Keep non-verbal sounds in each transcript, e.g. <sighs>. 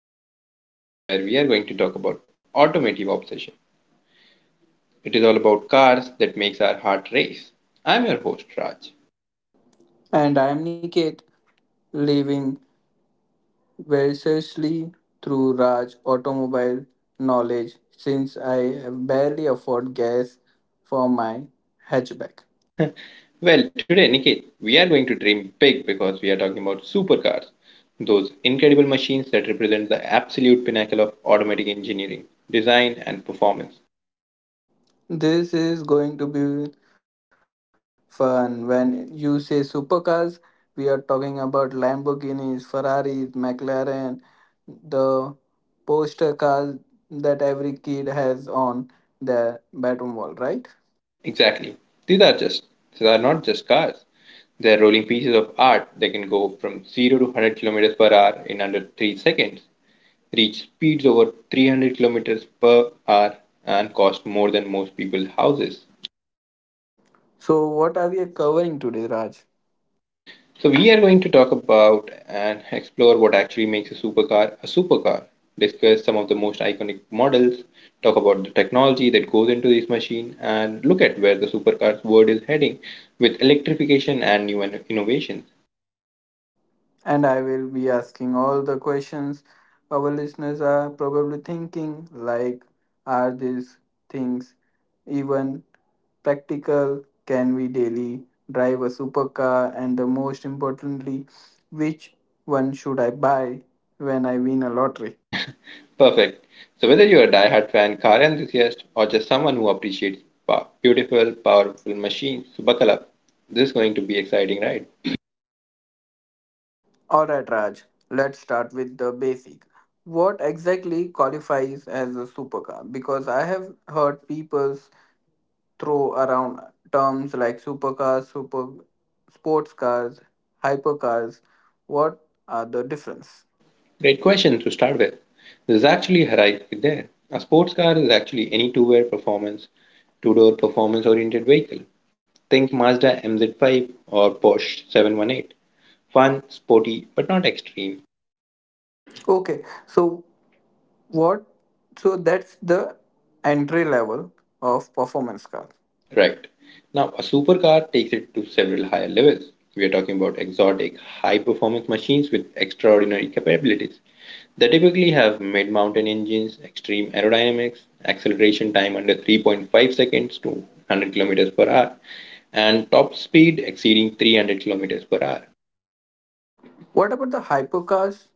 another podcast where we are going to talk about automotive obsession. It is all about cars that makes our heart race. I'm your host Raj. And I am Niket, living variously through Raj automobile knowledge since I barely afford gas for my hatchback. Well, today Niket, we are going to dream big because we are talking about supercars, those incredible machines that represent the absolute pinnacle of automatic engineering, design and performance. This is going to be fun. When you say supercars, we are talking about Lamborghinis, Ferraris, McLaren, the poster cars that every kid has on their bedroom wall, right? Exactly. These are just these are not just cars. They are rolling pieces of art that can go from 0 to 100 kilometers per hour in under 3 seconds, reach speeds over 300 kilometers per hour and cost more than most people's houses. So, what are we covering today, Raj? So, we are going to talk about and explore what actually makes a supercar, discuss some of the most iconic models, talk about the technology that goes into this machine, and look at where the supercars world is heading with electrification and new innovations. And I will be asking all the questions our listeners are probably thinking, like, are these things even practical? Can we daily drive a supercar? And the most importantly, which one should I buy when I win a lottery? Perfect. So, whether you're a die-hard fan, car enthusiast, or just someone who appreciates beautiful, powerful machines, so buckle up. This is going to be exciting, right? Alright, Raj, let's start with the basic. What exactly qualifies as a supercar? Because I have heard people throw around terms like supercars, super sports cars, hypercars. What are the difference? Great question to start with. There's actually a hierarchy there. A sports car is actually any two-wheel performance, two-door performance-oriented vehicle. Think Mazda MZ5 or Porsche 718. Fun, sporty, but not extreme. Okay, so what? So that's the entry level of performance cars. Right. Now, a supercar takes it to several higher levels. We are talking about exotic, high performance machines with extraordinary capabilities. They typically have mid mountain engines, extreme aerodynamics, acceleration time under 3.5 seconds to 100 kilometers per hour, and top speed exceeding 300 kilometers per hour. What about the hypercars?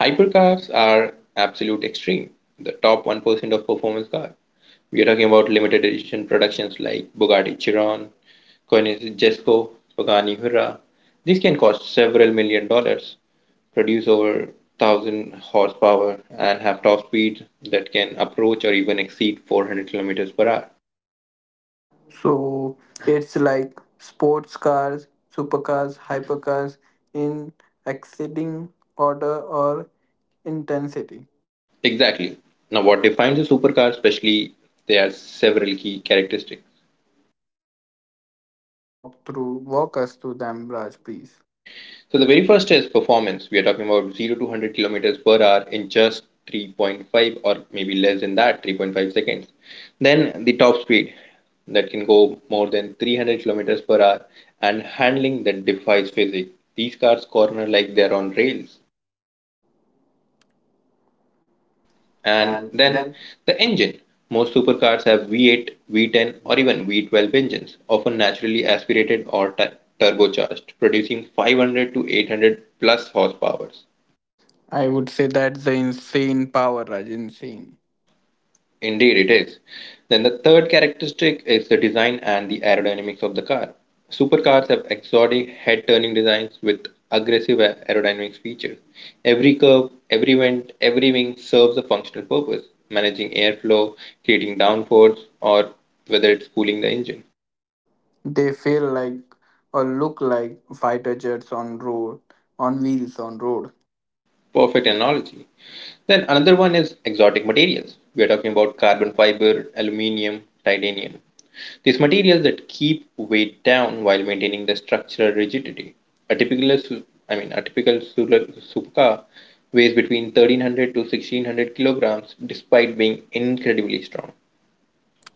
Hypercars are absolute extreme, the top 1% of performance cars. We are talking about limited edition productions like Bugatti Chiron, Coinage Jesco, Pagani Hurra. These can cost several million dollars, produce over 1000 horsepower, and have top speeds that can approach or even exceed 400 kilometers per hour. So it's like sports cars, supercars, hypercars in exceeding order or intensity. Exactly. Now, what defines a supercar, especially, there are several key characteristics. Walk us through them, Raj, please. So the very first is performance. We are talking about 0 to 100 kilometers per hour in just 3.5 or maybe less than that, 3.5 seconds. Then the top speed that can go more than 300 kilometers per hour and handling that defies physics. These cars corner like they're on rails. And then the engine. Most supercars have V8, V10, or even V12 engines, often naturally aspirated or turbocharged, producing 500 to 800 plus horsepower. I would say that's the insane power, Raj. Insane. Indeed, it is. Then the third characteristic is the design and the aerodynamics of the car. Supercars have exotic head turning designs with aggressive aerodynamics features. Every curve, every vent, every wing serves a functional purpose, managing airflow, creating downforce, or whether it's cooling the engine. They feel like or look like fighter jets on road, on wheels on road. Perfect analogy. Then another one is exotic materials. We are talking about carbon fiber, aluminium, titanium. These materials that keep weight down while maintaining the structural rigidity. A typical, I mean, a typical Supka weighs between 1300 to 1600 kilograms despite being incredibly strong.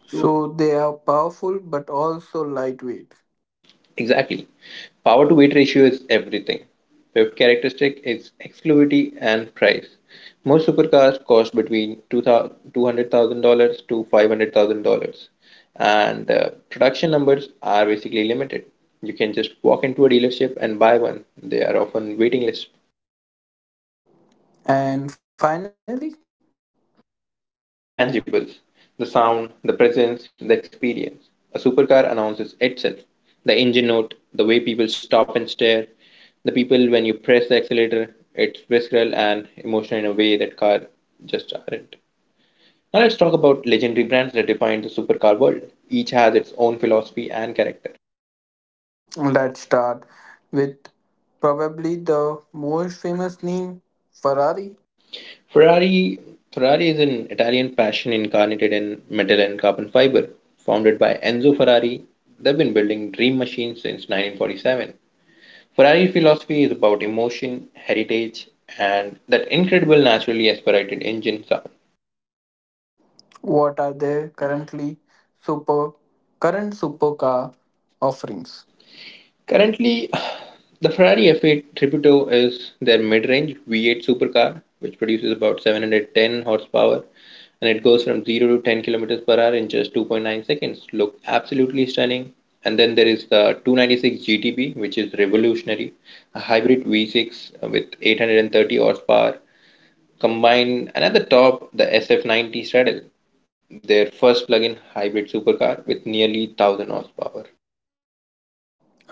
So they are powerful but also lightweight. Exactly. Power to weight ratio is everything. Fifth characteristic is exclusivity and price. Most supercars cost between $200,000 to $500,000, and production numbers are basically limited. You can just walk into a dealership and buy one. They are often waiting list. And finally, The intangibles: the sound, the presence, the experience. A supercar announces itself. The engine note, the way people stop and stare, the people when you press the accelerator, it's visceral and emotional in a way that car just aren't. Now let's talk about legendary brands that define the supercar world. Each has its own philosophy and character. let's start with probably the most famous name, Ferrari. Ferrari Ferrari is an Italian passion incarnated in metal and carbon fiber. Founded by Enzo Ferrari, they've been building dream machines since 1947. Ferrari philosophy is about emotion, heritage, and that incredible naturally aspirated engine sound. What are their super current supercar offerings? Currently, <sighs> the Ferrari F8 Tributo is their mid range V8 supercar, which produces about 710 horsepower and it goes from 0 to 10 kilometers per hour in just 2.9 seconds. Look absolutely stunning. And then there is the 296 GTB, which is revolutionary, a hybrid V6 with 830 horsepower combine, another top, the SF90 Stradale, their first plug in hybrid supercar with nearly 1000 horsepower.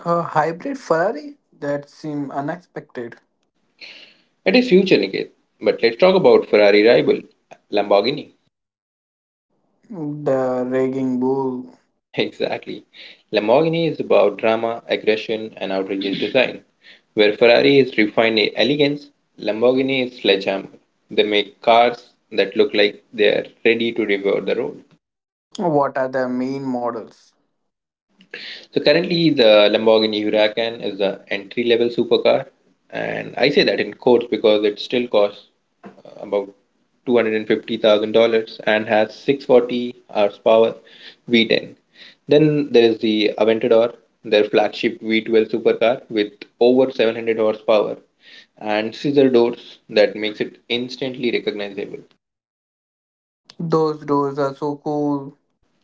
A hybrid Ferrari that seem unexpected. It is future, Niket. But let's talk about Ferrari rival, Lamborghini. The Raging Bull. <laughs> Exactly. Lamborghini is about drama, aggression, and outrageous design. Where Ferrari is refined elegance, Lamborghini is sledgehammer. They make cars that look like they are ready to devour the road. What are the main models? So currently, the Lamborghini Huracan is the entry-level supercar, and I say that in quotes because it still costs uh, about $250,000 and has 640 horsepower V10. Then there is the Aventador, their flagship V12 supercar with over 700 horsepower and scissor doors that makes it instantly recognizable. Those doors are so cool.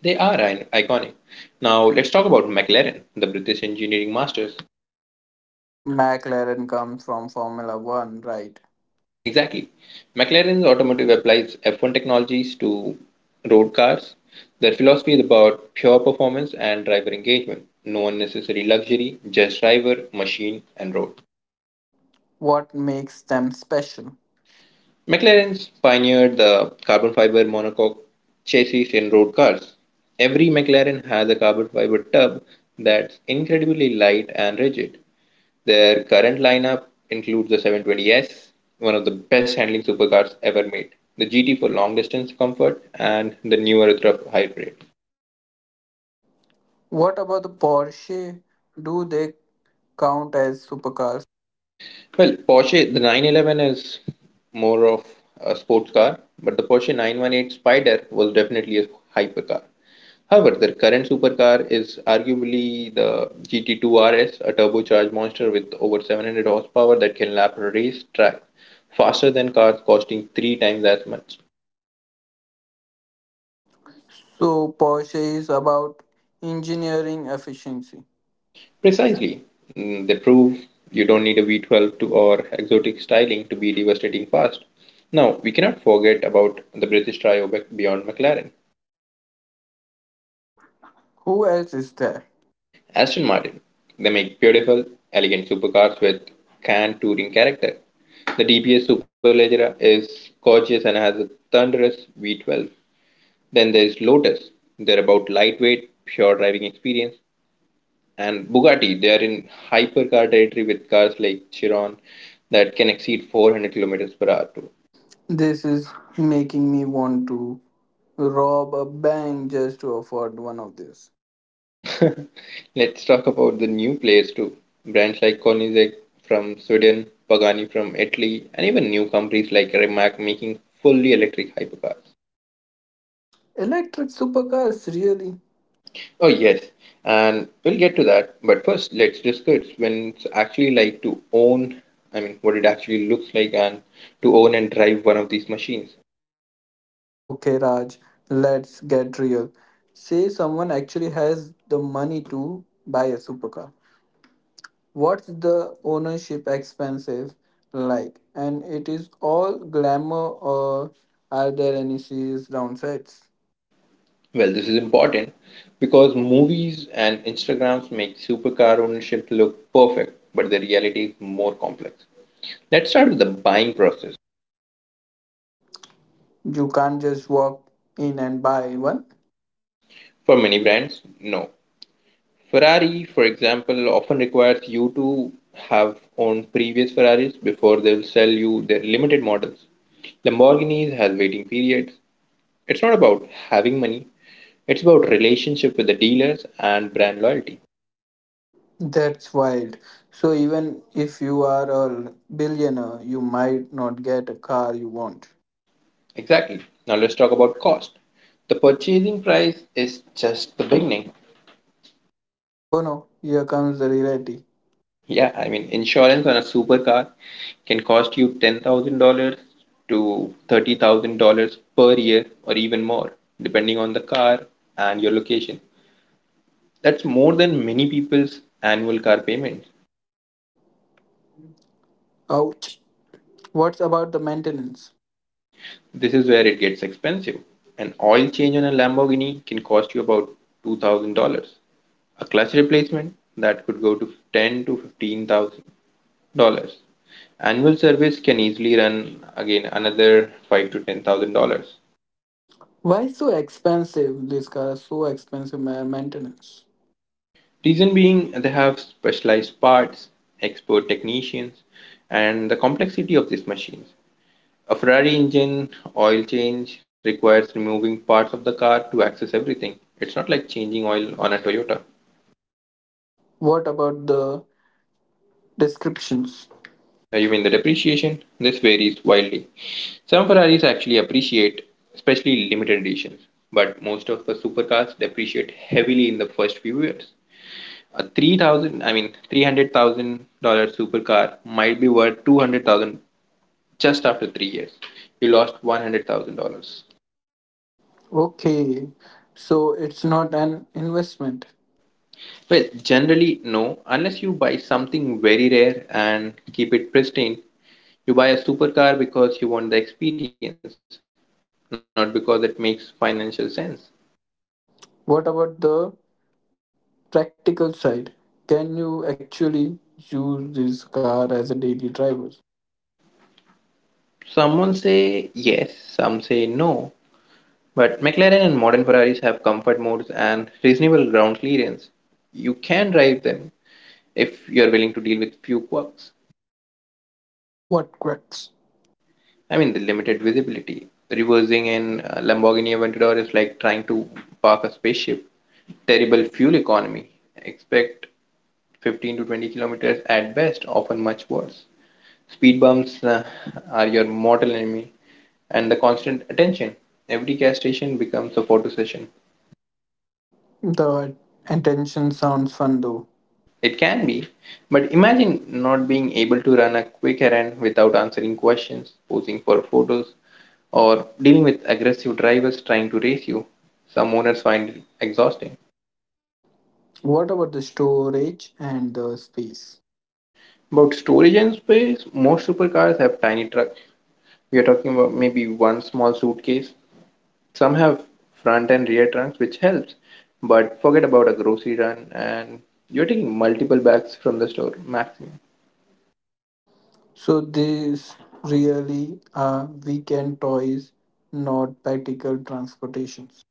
They are iconic. Now let's talk about McLaren, the British engineering masters. McLaren comes from Formula One, right? Exactly. McLaren's automotive applies F1 technologies to road cars. Their philosophy is about pure performance and driver engagement, no unnecessary luxury, just driver, machine, and road. What makes them special? McLaren's pioneered the carbon fiber monocoque chassis in road cars. Every McLaren has a carbon fiber tub that's incredibly light and rigid. Their current lineup includes the 720S, one of the best handling supercars ever made, the GT for long distance comfort, and the new Aruthrap Hybrid. What about the Porsche? Do they count as supercars? Well, Porsche, the 911 is more of a sports car, but the Porsche 918 Spyder was definitely a hypercar. However, their current supercar is arguably the GT2 RS, a turbocharged monster with over 700 horsepower that can lap a racetrack faster than cars costing three times as much. So, Porsche is about engineering efficiency. Precisely. They prove you don't need a V12 to or exotic styling to be devastating fast. Now, we cannot forget about the British trio beyond McLaren. Who else is there? Aston Martin. They make beautiful, elegant supercars with canned touring character. The DBS Superleggera is gorgeous and has a thunderous V12. Then there's Lotus. They're about lightweight, pure driving experience. And Bugatti, they are in hypercar territory with cars like Chiron that can exceed 400 kilometers per hour too. This is making me want to rob a bank just to afford one of these. Let's talk about the new players too. Brands like Koenigsegg from Sweden, Pagani from Italy, and even new companies like Rimac making fully electric hypercars. Electric supercars, really? Oh yes, and we'll get to that. But first, let's discuss when it's actually like to own. I mean, what it actually looks like, and to own and drive one of these machines. Okay, Raj, let's get real. Say someone actually has the money to buy a supercar. What's the ownership expensive like? And it is all glamour, or are there any serious downsides? Well, this is important because movies and Instagrams make supercar ownership look perfect, but the reality is more complex. Let's start with the buying process. You can't just walk in and buy one. For many brands, no. Ferrari, for example, often requires you to have owned previous Ferraris before they will sell you their limited models. Lamborghinis has waiting periods. It's not about having money, it's about relationship with the dealers and brand loyalty. That's wild. So, even if you are a billionaire, you might not get a car you want. Exactly. Now let's talk about cost. The purchasing price is just the beginning. Oh no, here comes the reality. Yeah, I mean, insurance on a supercar can cost you $10,000 to $30,000 per year or even more, depending on the car and your location. That's more than many people's annual car payments. Ouch. What's about the maintenance? This is where it gets expensive. An oil change on a Lamborghini can cost you about $2,000. A clutch replacement that could go to ten to 15000 dollars. Annual service can easily run again another five to ten thousand dollars. Why so expensive? These cars so expensive maintenance. Reason being they have specialized parts, expert technicians, and the complexity of these machines. A Ferrari engine oil change requires removing parts of the car to access everything. It's not like changing oil on a Toyota. What about the descriptions? You mean the depreciation? This varies wildly. Some Ferraris actually appreciate, especially limited editions, but most of the supercars depreciate heavily in the first few years. A 3,000, I mean, $300,000 supercar might be worth 200,000 just after 3 years. You lost $100,000. Okay, so it's not an investment. Well, generally no, unless you buy something very rare and keep it pristine. You buy a supercar because you want the experience, not because it makes financial sense. What about the practical side? Can you actually use this car as a daily driver? Someone say yes, some say no. But McLaren and modern Ferraris have comfort modes and reasonable ground clearance. You can drive them, if you are willing to deal with few quirks. What cracks? I mean, the limited visibility. Reversing in Lamborghini Aventador is like trying to park a spaceship. Terrible fuel economy. Expect 15 to 20 kilometers at best, often much worse. Speed bumps are your mortal enemy, and the constant attention. Every gas station becomes a photo session. The attention sounds fun though. It can be, but imagine not being able to run a quick errand without answering questions, posing for photos, or dealing with aggressive drivers trying to race you. Some owners find it exhausting. What about the storage and the space? About storage and space, most supercars have tiny trucks. We are talking about maybe one small suitcase. Some have front and rear trunks, which helps. But forget about a grocery run, and you're taking multiple bags from the store maximum. So these really are weekend toys, not practical transportations.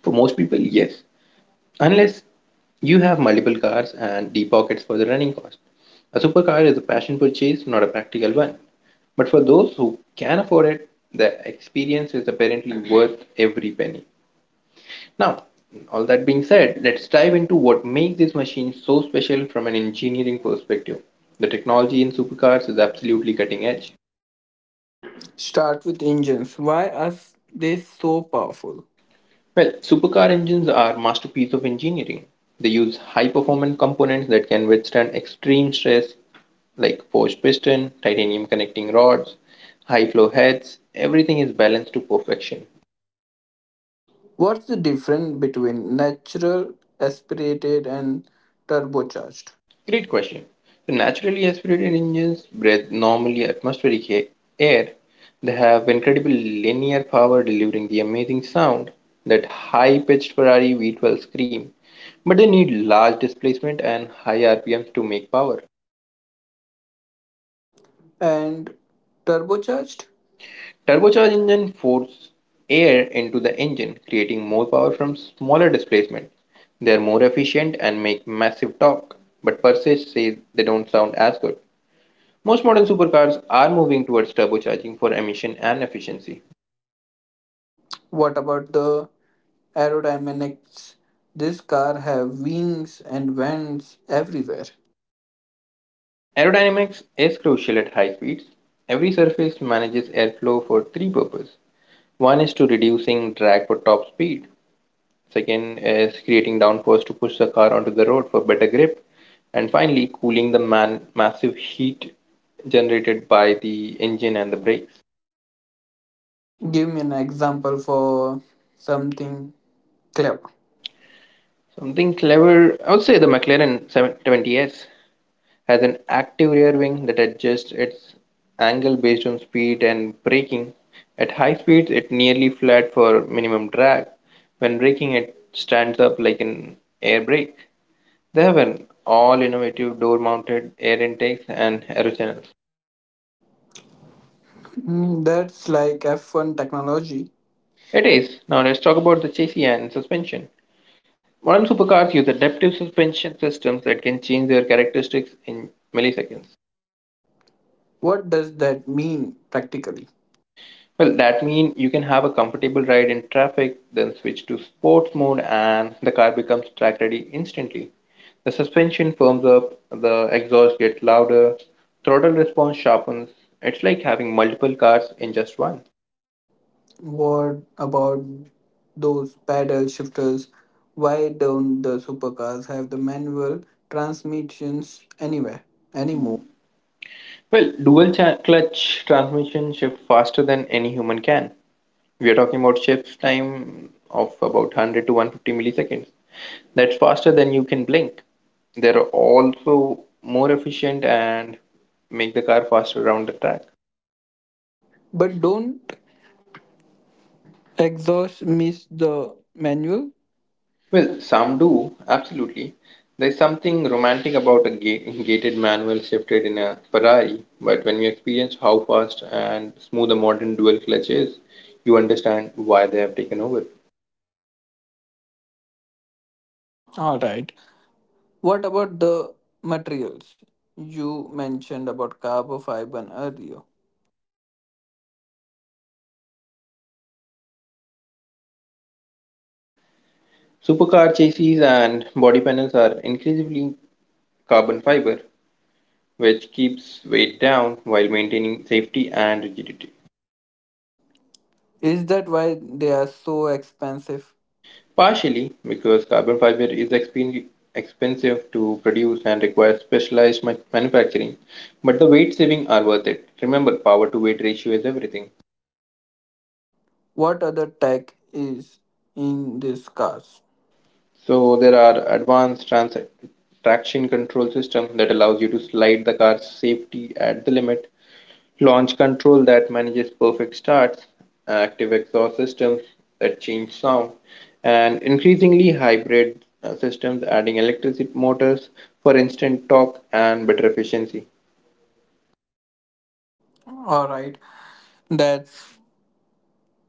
For most people, yes. Unless you have multiple cars and deep pockets for the running cost. A supercar is a passion purchase, not a practical one. But for those who can afford it, the experience is apparently worth every penny. Now, all that being said, let's dive into what makes this machine so special from an engineering perspective. The technology in supercars is absolutely cutting edge. Start with engines. Why are they so powerful? Well, supercar engines are masterpiece of engineering. They use high performance components that can withstand extreme stress like forged piston, titanium connecting rods, high flow heads. Everything is balanced to perfection. What's the difference between natural, aspirated, and turbocharged? Great question. So naturally aspirated engines breathe normally atmospheric air. They have incredible linear power delivering the amazing sound, that high-pitched Ferrari V12 scream. But they need large displacement and high RPMs to make power. And turbocharged? Turbocharged engines force air into the engine, creating more power from smaller displacement. They are more efficient and make massive torque, but Persage says they don't sound as good. Most modern supercars are moving towards turbocharging for emission and efficiency. What about the aerodynamics? This car have wings and vents everywhere. Aerodynamics is crucial at high speeds. Every surface manages airflow for three purposes. One is to reducing drag for top speed. Second is creating downforce to push the car onto the road for better grip. And finally, cooling the man massive heat generated by the engine and the brakes. Give me an example for something clever. Something clever, I would say the McLaren 720S has an active rear wing that adjusts its angle based on speed and braking. At high speeds, it nearly flat for minimum drag. When braking, it stands up like an air brake. They have an all innovative door mounted air intakes and aerochannels. That's like F1 technology. It is. Now let's talk about the chassis and suspension. Modern supercars use adaptive suspension systems that can change their characteristics in milliseconds. What does that mean practically? Well, that means you can have a comfortable ride in traffic, then switch to sports mode, and the car becomes track ready instantly. The suspension firms up, the exhaust gets louder, throttle response sharpens. It's like having multiple cars in just one. What about those paddle shifters? Why don't the supercars have the manual transmissions anywhere anymore? Well, clutch transmission shifts faster than any human can. We are talking about shift time of about 100 to 150 milliseconds. That's faster than you can blink. They're also more efficient and make the car faster around the track. But don't exhaust miss the manual? Well, Well, some some do. do, absolutely. There's something romantic about a gated manual shifted in a Ferrari, but when you experience how fast and smooth a modern dual clutch is, you understand why they have taken over. All right. What about the materials? You mentioned about carbon fiber earlier. So carbon fiber is revolutionary. It's five times strong than steel but weighs 70% less. Supercar chassis and body panels are increasingly carbon fiber, which keeps weight down while maintaining safety and rigidity. Is that why they are so expensive? Partially because carbon fiber is expensive to produce and requires specialized manufacturing, but the weight saving are worth it. Remember, power to weight ratio is everything. What other tech is in these cars. So there are advanced trans traction control system that allows you to slide the car's safety at the limit, launch control that manages perfect starts, active exhaust systems that change sound, and increasingly hybrid systems adding electric motors for instant torque and better efficiency. All right, that's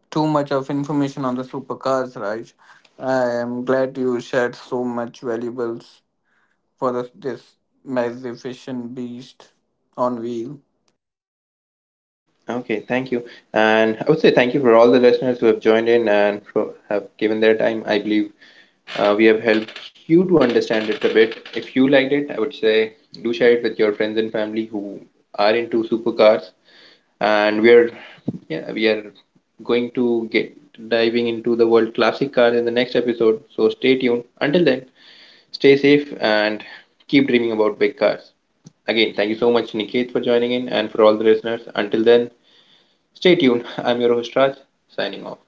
too much of information on the supercars, Raj. I am glad you shared so much valuables for this magnificent beast on wheel. Okay, thank you. And I would say thank you for all the listeners who have joined in and for, have given their time. I believe we have helped you to understand it a bit. If you liked it, I would say do share it with your friends and family who are into supercars. And we are going to get diving into the world classic cars in the next episode. So stay tuned. Until then, stay safe and keep dreaming about big cars. Again, thank you so much, Niket, for joining in, and for all the listeners. Until then, stay tuned. I'm your host Raj, signing off.